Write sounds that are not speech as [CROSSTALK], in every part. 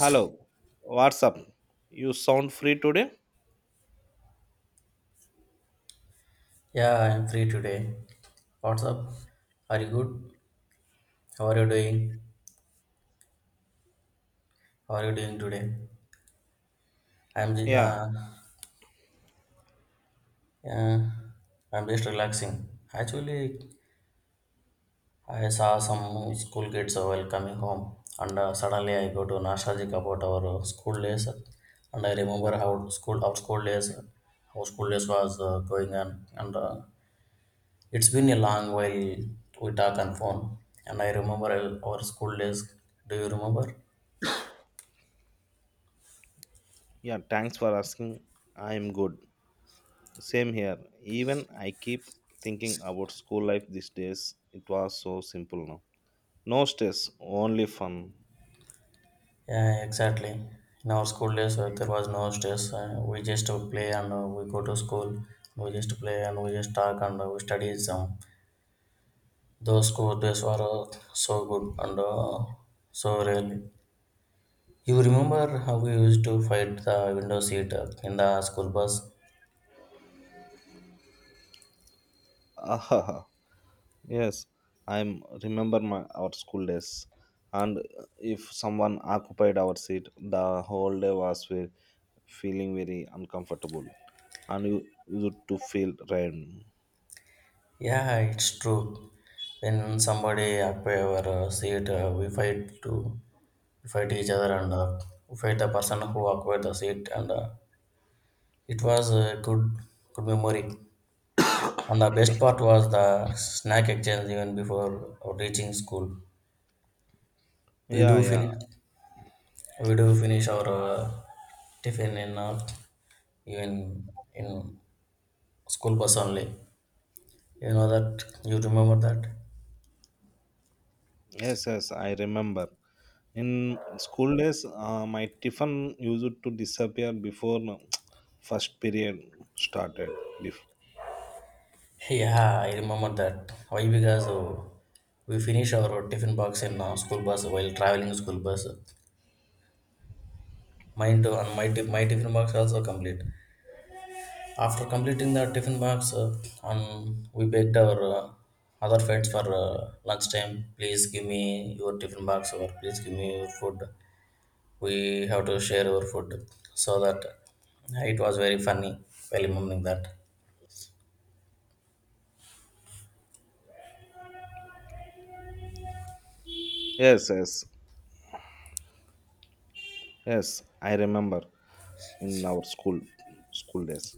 Hello, what's up? You sound free today? Yeah, I'm free today. What's up? Are you good? How are you doing? How are you doing today? I'm just, Yeah, yeah, I'm just relaxing. Actually, I saw some school kids while coming home, and suddenly I got to nostalgic about our school days, and I remember how school our school days, how school days was going on, and it's been a long while we talk on phone, and I remember our school days. Do you remember? yeah, thanks for asking. I am good. Same here. Even I keep thinking about school life these days. It was so simple now. No stress, only fun. Yeah, exactly. In our school days, there was no stress. We just play and we go to school. We just play and we just talk and we study some. Those school days were so good and so really. You remember how we used to fight the window seat in the school bus? Ah, [LAUGHS] yes, I am remember my our school days. And if someone occupied our seat, the whole day was feeling very uncomfortable, and you used to feel drained. Yeah, it's true. When somebody occupy our seat, we fight each other and we fight the person who occupied the seat and it was a good memory. And the best part was the snack exchange even before reaching school. We Yeah, do yeah. finish we do finish our tiffin in even in school bus only. You know that you remember that? Yes, yes, I remember. In school days, my tiffin used to disappear before [TSK] first period started. Bef- Yeah, I remember that. Why? Because we finish our tiffin box in school bus while traveling school bus. Mine too, and my tiffin box also complete. After completing the tiffin box, we begged our other friends for lunchtime. Please give me your tiffin box or please give me your food. We have to share our food. So that it was very funny while remembering that. Yes, yes, yes, I remember in our school days.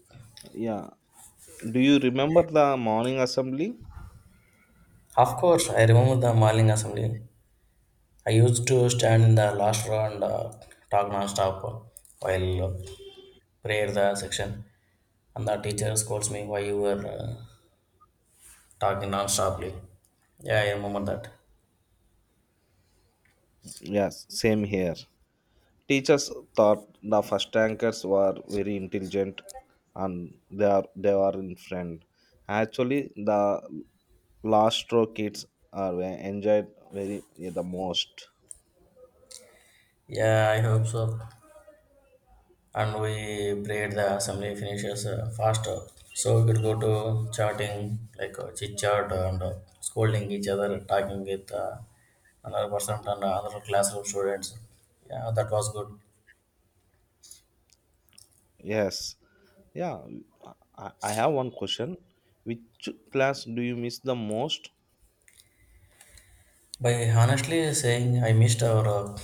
Yeah. Do you remember the morning assembly? Of course, I remember the morning assembly. I used to stand in the last row and talk non-stop while prayer the section. And the teacher scolds me why you were talking non-stoply. Yeah, I remember that. Yes, same here. Teachers thought the first tankers were very intelligent and they were in friend. Actually, the Lastro kids are enjoyed very yeah, the most. Yeah, I hope so. And we braid the assembly finishes faster. So we could go to chatting, like chit chat and scolding each other, talking with another person and another other classroom students. Yeah, that was good. Yes, yeah. I have one question. Which class do you miss the most? By honestly saying, I missed our uh,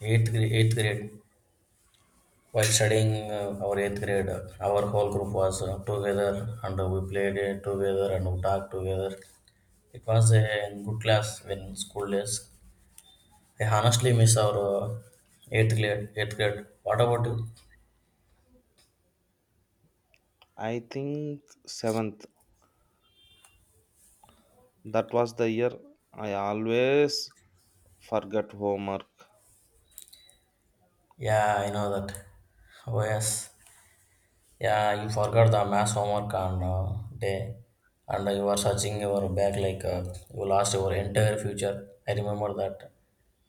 eighth, grade. eighth grade. While studying our eighth grade, our whole group was together and we played together and we talked together. It was a good class when school days. I honestly miss our Eighth grade. What about you? I think seventh. That was the year I always forget homework. Yeah, I know that. Oh yes. Yeah, you forgot the mass homework on day, and you were searching your bag like you lost your entire future. I remember that.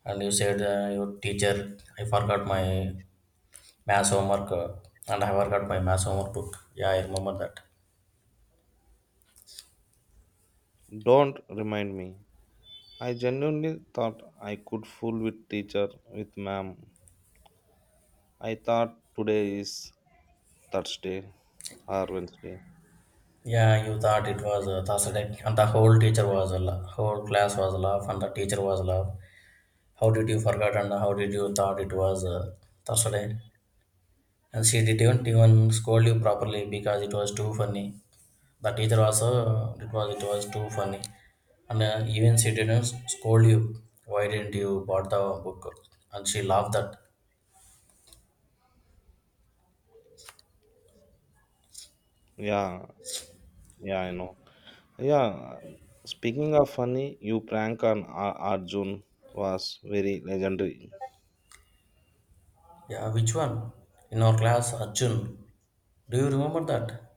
And you said, your teacher, I forgot my mass homework, and I forgot my mass homework book. Yeah, I remember that. Don't remind me. I genuinely thought I could fool with teacher with ma'am. I thought today is Thursday or Wednesday. Yeah, you thought it was Thursday, and the whole teacher was a la- whole class was laugh, and the teacher was laugh. How did you forget and how did you thought it was Thursday? And she didn't even scold you properly because it was too funny. The teacher also it was too funny, and even she didn't scold you. Why didn't you bought the book? And she laughed that. Yeah, yeah, I know. Yeah, speaking of funny, you prank on Arjun was very legendary. Yeah, which one? In our class, Arjun. Do you remember that?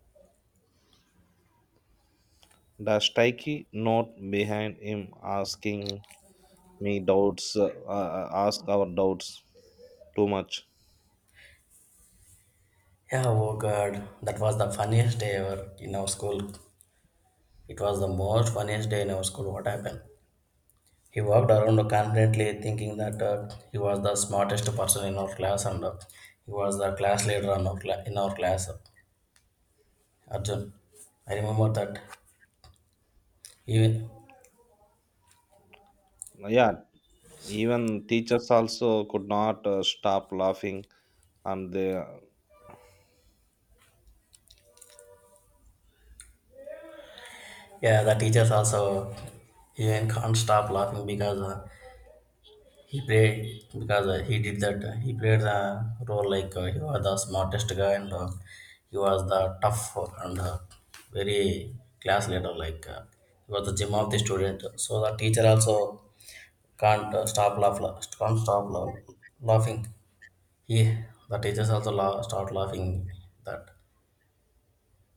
The sticky note behind him asking me doubts, ask our doubts too much. Yeah, oh god, that was the funniest day ever in our school. It was the most funniest day in our school. What happened? He walked around confidently, thinking that he was the smartest person in our class and he was the class leader in in our class. Arjun, I remember that. Even Yeah, even teachers also could not stop laughing, and they. yeah, the teachers also even can't stop laughing because he did that. He played the role like he was the smartest guy and he was the tough and very class leader like. He was the gym of the student. So the teacher also can't can't stop laughing. He, the teachers also start laughing. That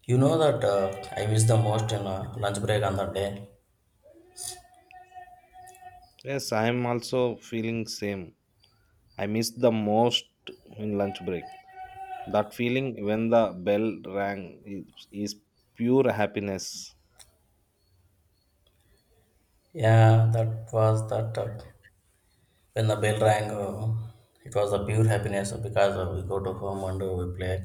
you know that I miss the most in lunch break on that day. Yes, I am also feeling same. I miss the most in lunch break. That feeling when the bell rang is pure happiness. Yeah, that was that when the bell rang. It was a pure happiness because we go to home and we play.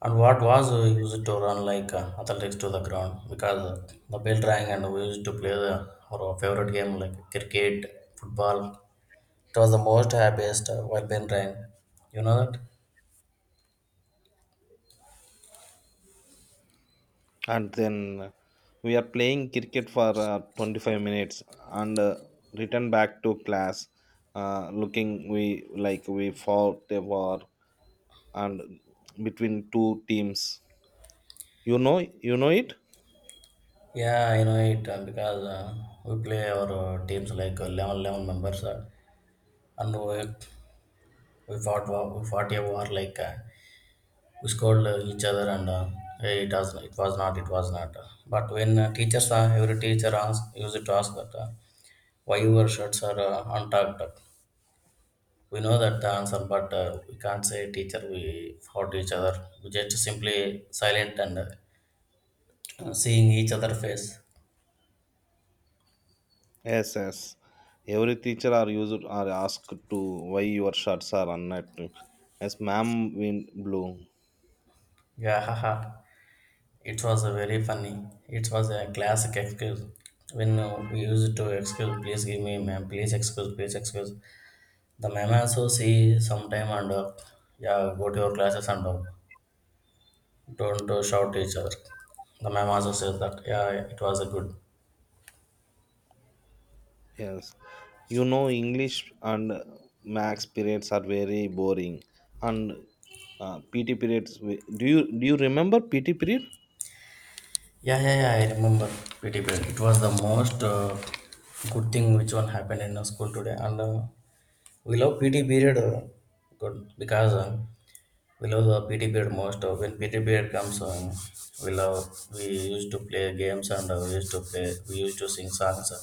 And what was used to run like athletics to the ground because the bell rang and we used to play our favorite game like cricket, football. It was the most happiest while been rain. You know that? And then we are playing cricket for 25 minutes and return back to class looking we like we fought a war and between two teams, you know, you know it. Yeah, I know it because we play our teams like 11, 11 members and we we fought a war like we scold each other and it was not. But when teachers every teacher ask, used to ask that why your shirts are untucked. We know that the answer, but we can't say teacher. We fought each other. We just simply silent and seeing each other face. Yes, yes, every teacher are used are asked to, why your shirts are unnet? Yes, ma'am, wind blew. Yeah, haha. It was a very funny. It was a classic excuse. When we used to excuse, please give me, ma'am, please excuse, please excuse. The ma'am also see sometime and yeah, go to your classes and don't shout each other. The ma'am also says that yeah, yeah, it was a good. Yes, you know, English and Max periods are very boring, and PT periods. Do you remember PT period? Yeah, yeah, yeah, I remember PT period. It was the most good thing which one happened in our school today, and we love PT period good because. We love the PT period most. Of. When PT period comes on, we love. We used to play games and we used to play. We used to sing songs.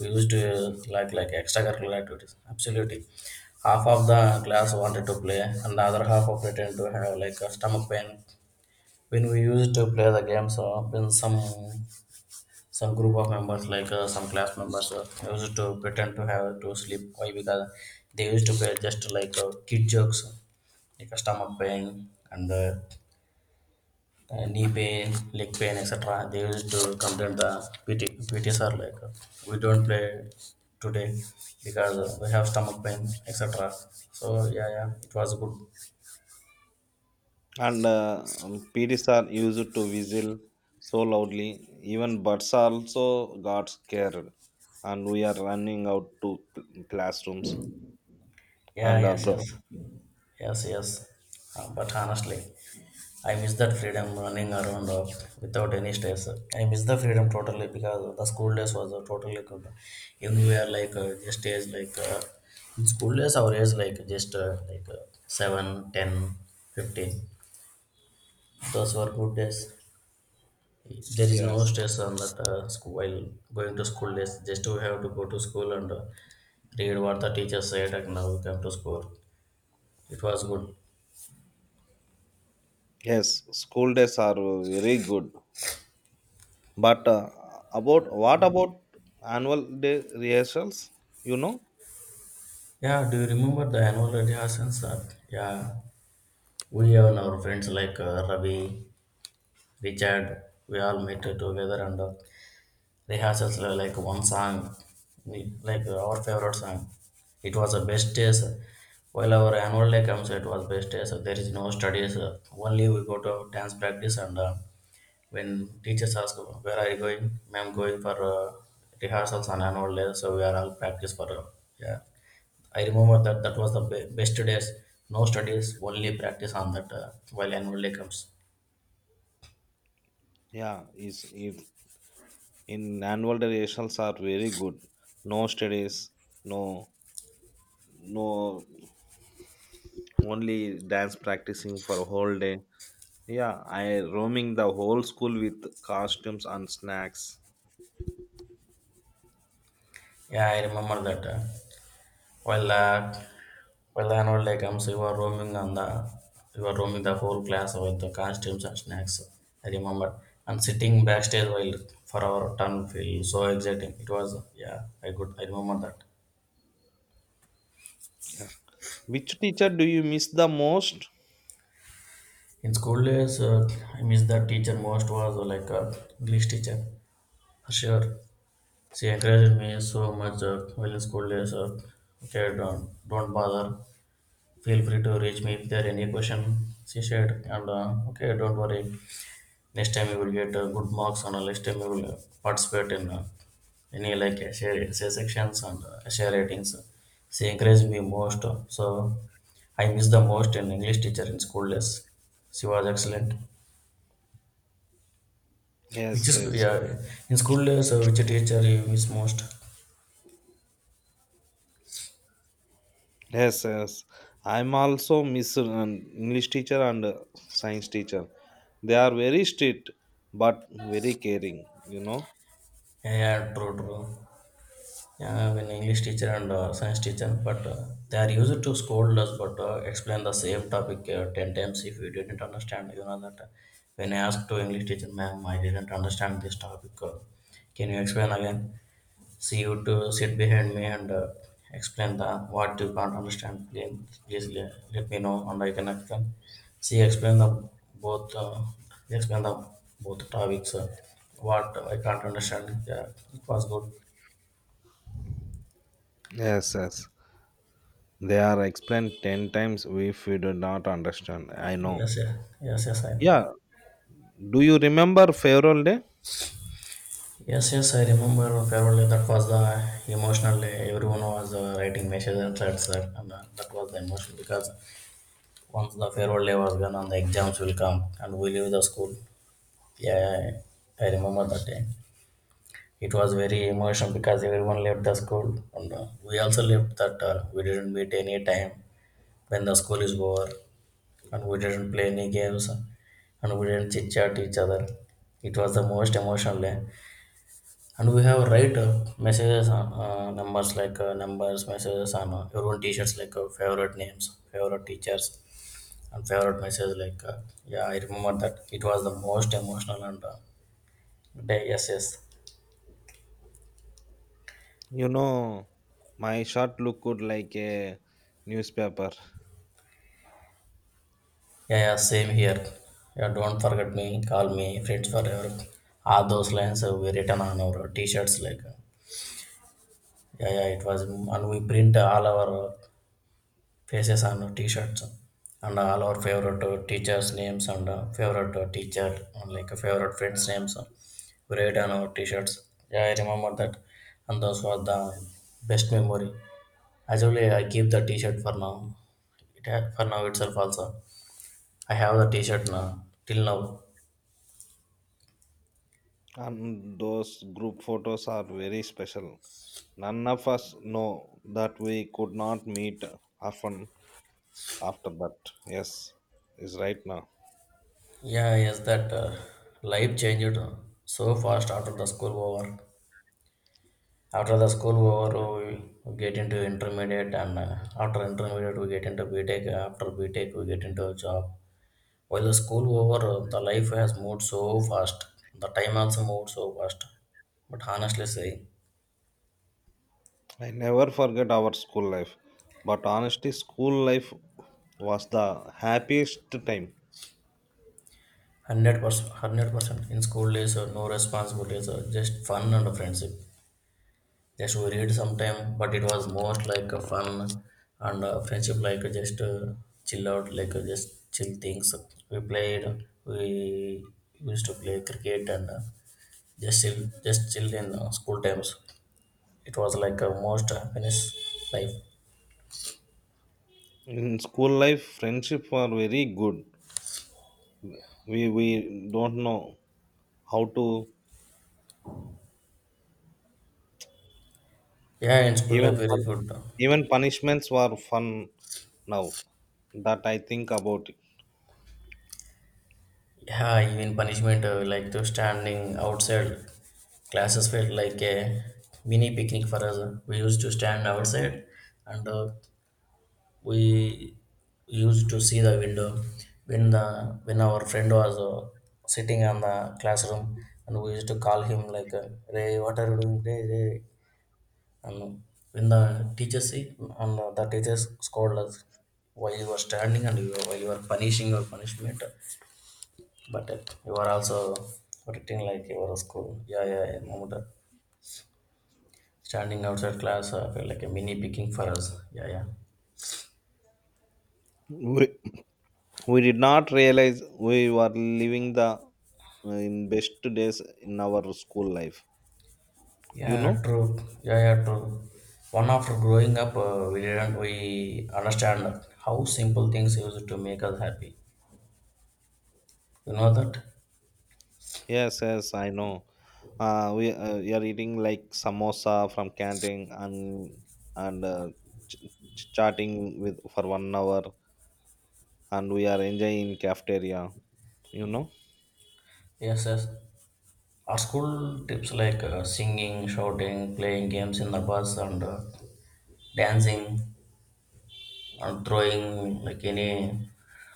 We used to like extracurricular activities. Absolutely, half of the class wanted to play, and the other half of pretend to have like a stomach pain. When we used to play the games, when some group of members like some class members used to pretend to have to sleep. Why? Because they used to play just like kid jokes, like a stomach pain and. Knee pain, leg pain, etc. They used to complain the PT sir like we don't play today because we have stomach pain, etc. So yeah, yeah, it was good. And PTs are used to whistle so loudly. Even birds also got scared, and we are running out to classrooms. Yeah, And yes. But honestly, I miss that freedom running around without any stress. I miss the freedom totally because the school days was totally good. Even we are like just age like in school days our age like just 7, ten, 15. Those were good days. There is no yes, stress on that school while going to school days. Just we have to go to school and read what the teacher said, and now we come to school. It was good. yes, school days are very good. But about what about annual day rehearsals? You know. Yeah, do you remember the annual rehearsals? Yeah, we and our friends like Ravi, Richard, we all met together and rehearsals were like one song, like our favorite song. It was the best days. While our annual day comes, it was best days. So there is no studies. Only we go to dance practice and when teachers ask, where are you going? Ma'am, going for rehearsals on annual day. So we are all practice for, yeah. I remember that was the best days. No studies, only practice on that while annual day comes. Yeah, is if in annual durations are very good. No studies, no no only dance practicing for a whole day. Yeah, I roaming the whole school with costumes and snacks. Yeah, I remember that. Well, uh, Arnold, like, you were you were roaming the whole class with the costumes and snacks. I remember. And sitting backstage while for our turn feel so exciting. It was, yeah, I remember that. Yeah. Which teacher do you miss the most? In school days, I miss the teacher most was English teacher for sure. She encouraged me so much while in school days. Okay, don't bother. Feel free to reach me if there any question. She said, and okay, don't worry. Next time you will get good marks, and next time you will participate in any like share sections and essay ratings. She encouraged me most, so I miss the most an English teacher in school days. She was excellent. Which Yes, is yes. yeah, in school days, which teacher you miss most? Yes, yes. I'm also miss an English teacher and science teacher. They are very strict but very caring, you know. Yeah, yeah, true. Yeah, when English teacher and science teacher, but they are used to scold us, but explain the same topic 10 times if we didn't understand. You know that when I asked to English teacher, ma'am, I didn't understand this topic. Can you explain again? See you to sit behind me and explain the what you can't understand. Please, let me know and I can explain. See, explain the both. Explain the both topics. What I can't understand. Yeah, it was good. Yes, yes. They are explained 10 times if we do not understand. I know. Yes, yeah. Yes, yes, I know. Yeah. Do you remember Farewell Day? Yes, yes, I remember Fairly. That was the emotional. E Everyone was writing messages and threads that, and that was the emotion because once the Fairly was gone and the exams will come and we leave the school. Yeah, I remember that day. It was very emotional because everyone left the school and we also left that we didn't meet any time when the school is over and we didn't play any games and we didn't chit chat each other. It was the most emotional day. And we have right messages on numbers like numbers, messages on your own t-shirts like favorite names, favorite teachers, and favorite messages like yeah, I remember that it was the most emotional and day. Yes, yes, You know, my shot look good like a newspaper. yeah, yeah, same here. Yeah, don't forget me. Call me friends forever. All those lines were written on our t-shirts like yeah, yeah, it was, and we print all our faces on t-shirts and all our favorite teachers names and favorite teacher and like favorite friends names we write on our t-shirts. Yeah, I remember that, and those were the best memory. Actually, I keep the t-shirt for now. For now itself also, I have the t-shirt now, till now. And those group photos are very special. None of us know that we could not meet often after that. Yes, is right now. Yeah, yes, that life changed so fast after the school over. After the school over, we get into intermediate, and after intermediate, we get into BTEC. After BTEC, we get into a job. While the school over, the life has moved so fast. The time also moved so fast. But honestly saying, I never forget our school life. But honestly, school life was the happiest time. 100%, 100% in school days, no responsibilities, just fun and friendship. Yes, we read sometime, but it was more like a fun and friendship, like just chill out, like just chill things. We played, we used to play cricket and just chill in school times. It was like a most happiness life. In school life, friendship were very good. We don't know how to Yeah, in school even life very pun- good. even punishments were fun now that I think about it. Yeah, even punishment like to standing outside classes felt like a mini picnic for us. We used to stand outside and we used to see the window when our friend was sitting on the classroom and we used to call him like ray what are you doing ray, and when the teacher see and the teachers scolded us while you were standing and while you were punishing your punishment, but you were also writing like you were a school yeah yeah yeah moment standing outside class felt like a mini picking for us, yeah yeah. We, we did not realize we were living the in best days in our school life. You Yeah, know? true. Yeah, yeah, true. One after growing up, we didn't we understand how simple things used to make us happy. You know that? Yes, yes, I know. We are eating like samosa from canteen and and ch- chatting with for one hour and we are enjoying cafeteria, you know. Yes, yes. Our school tips like singing, shouting, playing games in the bus, and dancing, and throwing like any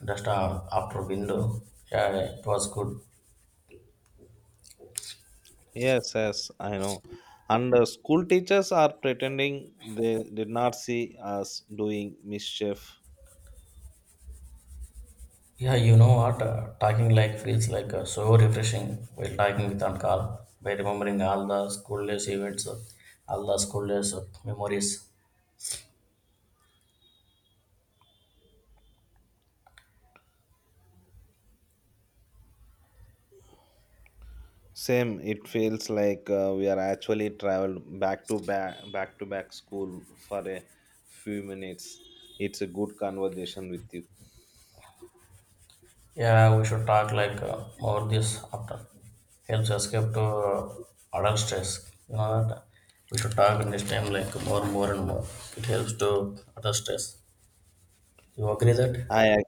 dust after window. Yeah, it was good. Yes, yes, I know. And school teachers are pretending they did not see us doing mischief. Yeah, you know what? Talking like feels like so refreshing while talking with Ankal by remembering all the school days events, all the school days memories. Same, it feels like we are actually traveled back to back school for a few minutes. It's a good conversation with you. Yeah, we should talk like more this after. Helps escape to adult stress. You know that? We should talk in this time like more, more and more. It helps to adult stress. You agree that? i ag-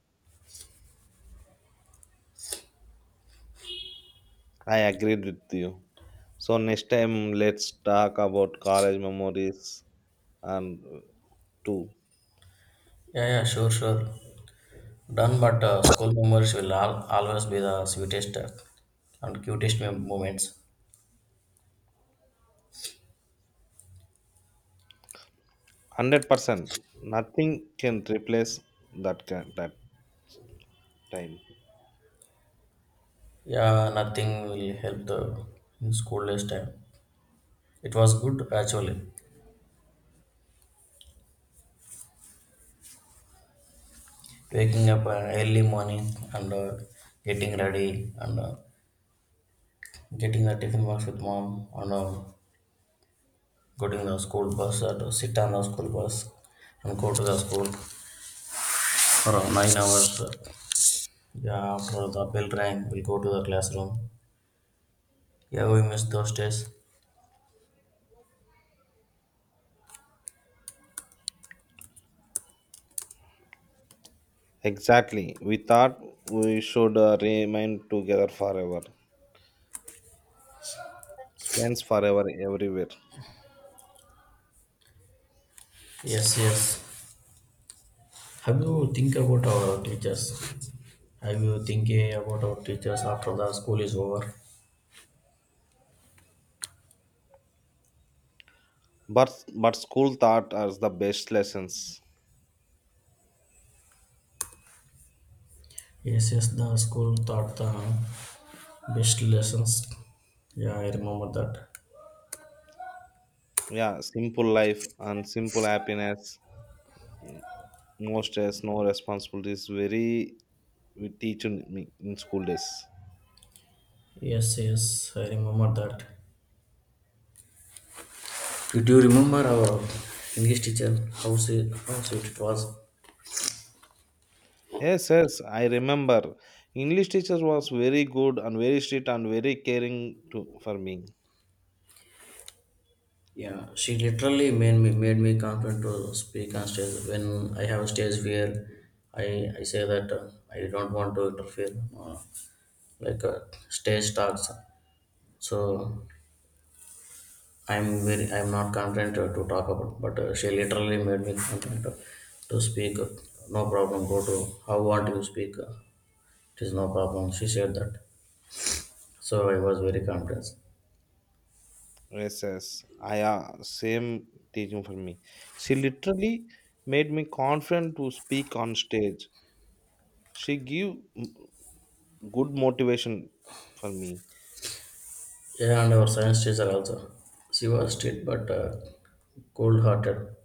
I agreed with you. So next time, let's talk about college memories and too. Yeah, yeah, sure, sure. Done, but school memories will always be the sweetest and cutest moments. 100% nothing can replace that time. Yeah, nothing will help the in school last time. It was good actually. Waking up early morning and getting ready and getting the tiffin box with mom and getting the school bus and sit on the school bus and go to the school for 9 hours. Yeah, after the bell rang, we'll go to the classroom. Yeah, we miss those days. Exactly, we thought we should remain together forever, friends forever everywhere. Yes, yes. Have you think about our teachers? Have you thinking about our teachers after the school is over? But but school taught us the best lessons. Yes, yes, the school taught the best lessons. Yeah, I remember that. Yeah, simple life and simple happiness. No stress, no responsibilities, very we teach in, me in school days. Yes, yes, I remember that. Do you remember our English teacher? How sweet it was. Yes, yes, I remember English teacher was very good and very strict and very caring to for me. Yeah, she literally made me confident to speak on stage. When I have a stage fear, I I say that I don't want to interfere, like stage talks. So I'm not confident to talk about, but she literally made me confident to speak. No problem. Go to how want you speak? It is no problem. She said that, so I was very confident. Yes, yes. I same teaching for me. She literally made me confident to speak on stage. She good motivation for me. Yeah, and our science teacher also. She was strict but cold-hearted.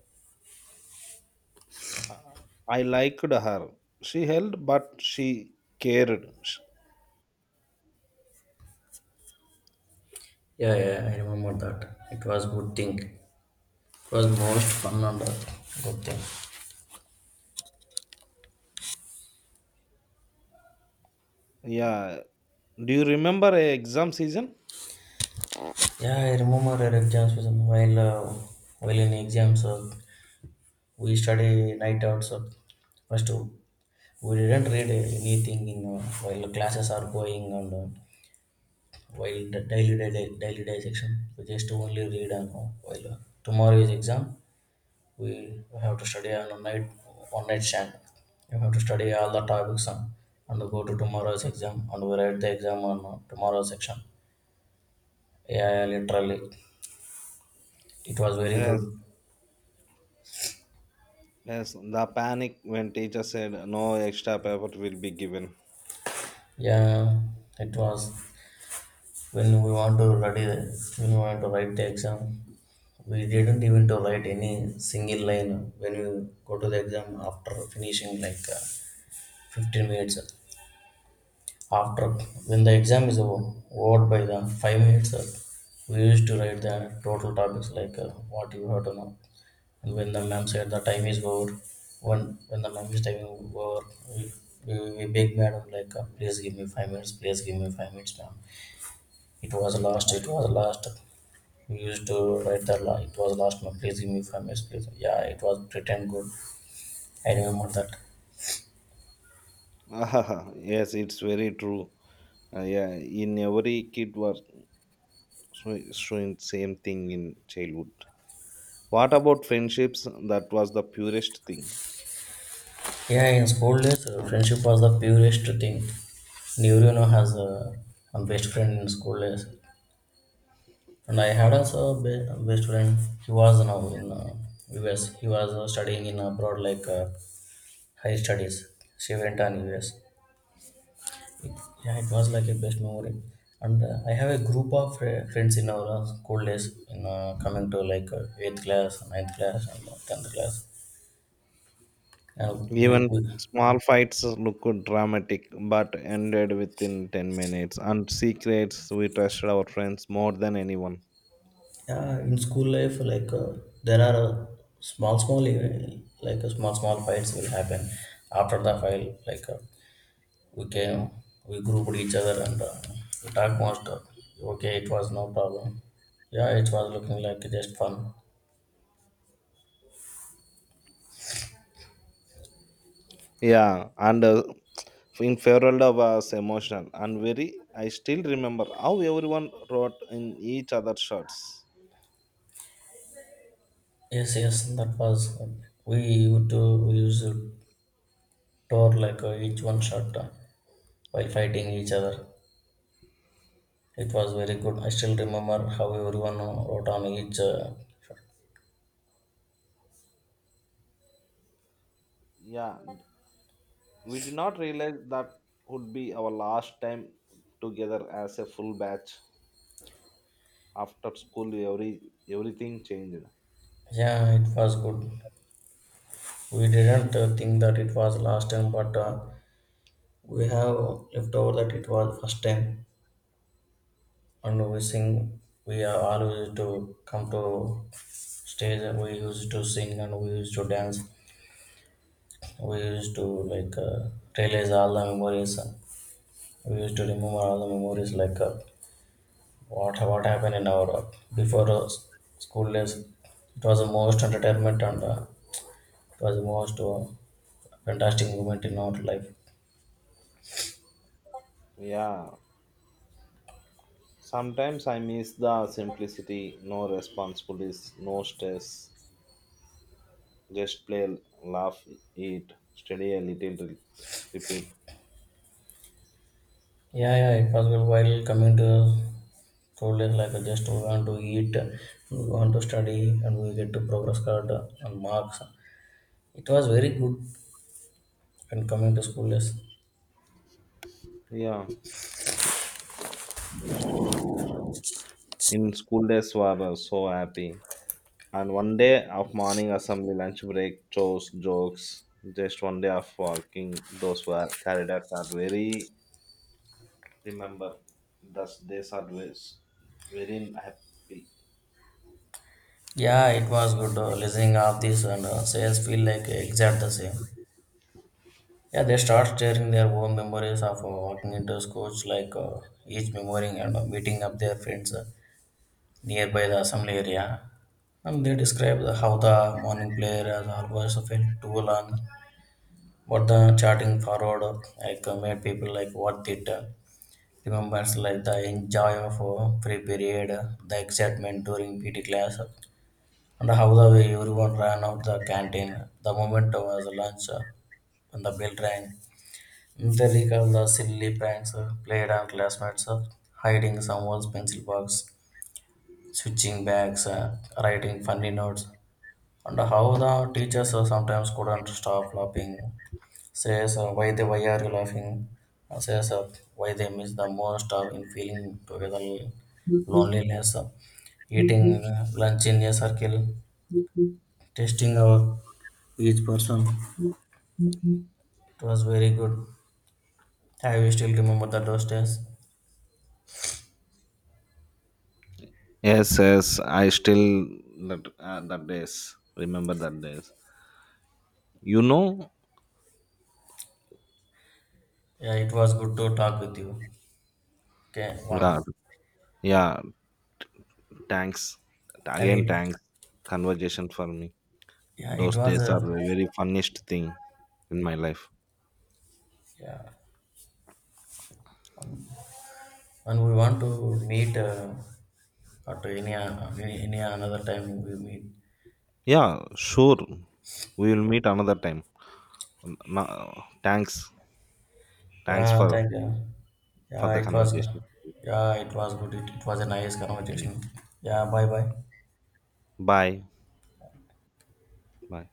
Uh, I liked her. She held, but she cared. Sh- Yeah, yeah, I remember that. It was good thing. It was most fun and good thing. Yeah. Do you remember a exam season? Yeah, I remember our exams was while in exams we study night out so first. We didn't read anything in while classes are going on, while the daily day section. We just only read on while tomorrow is exam. We have to study on a night one night stand. You have to study all the topics on and go to tomorrow's exam and we write the exam on tomorrow's section. Yeah, yeah, literally, it was very Yes, good. yes. The panic when teacher said no extra effort will be given. Yeah, it was when we want to study, when we want to write the exam. We didn't even to write any single line when we go to the exam after finishing like 15 minutes. After when the exam is over, by the 5 minutes, we used to write the total topics like what you have to know. And when the ma'am said the time is over, when the ma'am is time over, we beg madam like please give me 5 minutes, please give me 5 minutes ma'am. It was lost, it was lost. We used to write the it was last month. Please give me 5 minutes, please. Yeah, it was pretend good. I remember that. [LAUGHS] Yes, it's very true. Yeah, in every kid was so it's showing same thing in childhood. What about friendships? That was the purest thing. Yeah, in school days, friendship was the purest thing. Neurono has a best friend in school days, and I had also a a best friend. He was now in US. He was studying in abroad, like high studies. She went on US. Yeah, it was like a best memory. And I have a group of friends in our school days, in coming to like eighth class, ninth class, and tenth class. And we, Even we small fights look dramatic but ended within 10 minutes, and secrets we trusted our friends more than anyone. yeah, in school life, like there are small, small, like small, small fights will happen. After the fight, like we came, we grouped each other, and we talked most. Okay, it was no problem. Yeah, it was looking like just fun. Yeah, and in Ferrolda was emotional and very. I still remember how everyone wrote in each other's shirts. Yes, yes, that was we used to use tour like each one shot while fighting each other. It was very good. I still remember how everyone wrote on each shot. Yeah, we did not realize that would be our last time together as a full batch. After school, everything changed. Yeah, it was good. We didn't think that it was last time, but we have left over that it was first time. And we sing. We are always to come to stage. And We used to sing and we used to dance. We used to like realize all the memories. We used to remember all the memories like what happened in our before school days. It was the most entertainment and it was the most fantastic moment in our life. Yeah, sometimes I miss the simplicity. No responsibilities, no stress, just play, laugh, eat, study a little, repeat. Yeah, yeah, it was good while coming to school days like just we want to eat, we want to study, and we get to progress card and marks. It was very good when coming to school days. Yeah, in school days were so happy. And one day of morning assembly, lunch break, chores, jokes, just one day of working, those were corridors are very remember. Those days are always very happy. Yeah, it was good listening of this and sales feel like exact the same. Yeah, they start sharing their own memories of walking into schools, like each memorying and meeting up their friends nearby the assembly area. And they describe the, how the morning prayer has always felt too long, but the charting forward like made people like worth it. Remembers like the enjoy of free period, the excitement during PT class, and how the way everyone ran out the canteen. The moment was lunch when the bell rang. They recall the silly pranks played on classmates, hiding someone's pencil box, switching bags, writing funny notes, and how the teachers sometimes couldn't stop laughing. Says why are you laughing? Says why they miss the most of in feeling together loneliness. Eating lunch in a circle, testing our each person. It was very good. I will still remember the those days. Yes, yes, I still that that days remember that days. You know, Yeah, it was good to talk with you. Okay, yeah, one, yeah. Thanks and again. it, Thanks conversation for me. yeah, it Those was days are a, a very funniest thing in my life. yeah. And we want to meet at any, uh, any another time we meet. Yeah, sure. We will meet another time. Now, thanks, thanks Yeah, for thank you. for Yeah, the it was, conversation. yeah, it was good. It was a nice Yeah. conversation. Yeah, bye bye. Bye, bye.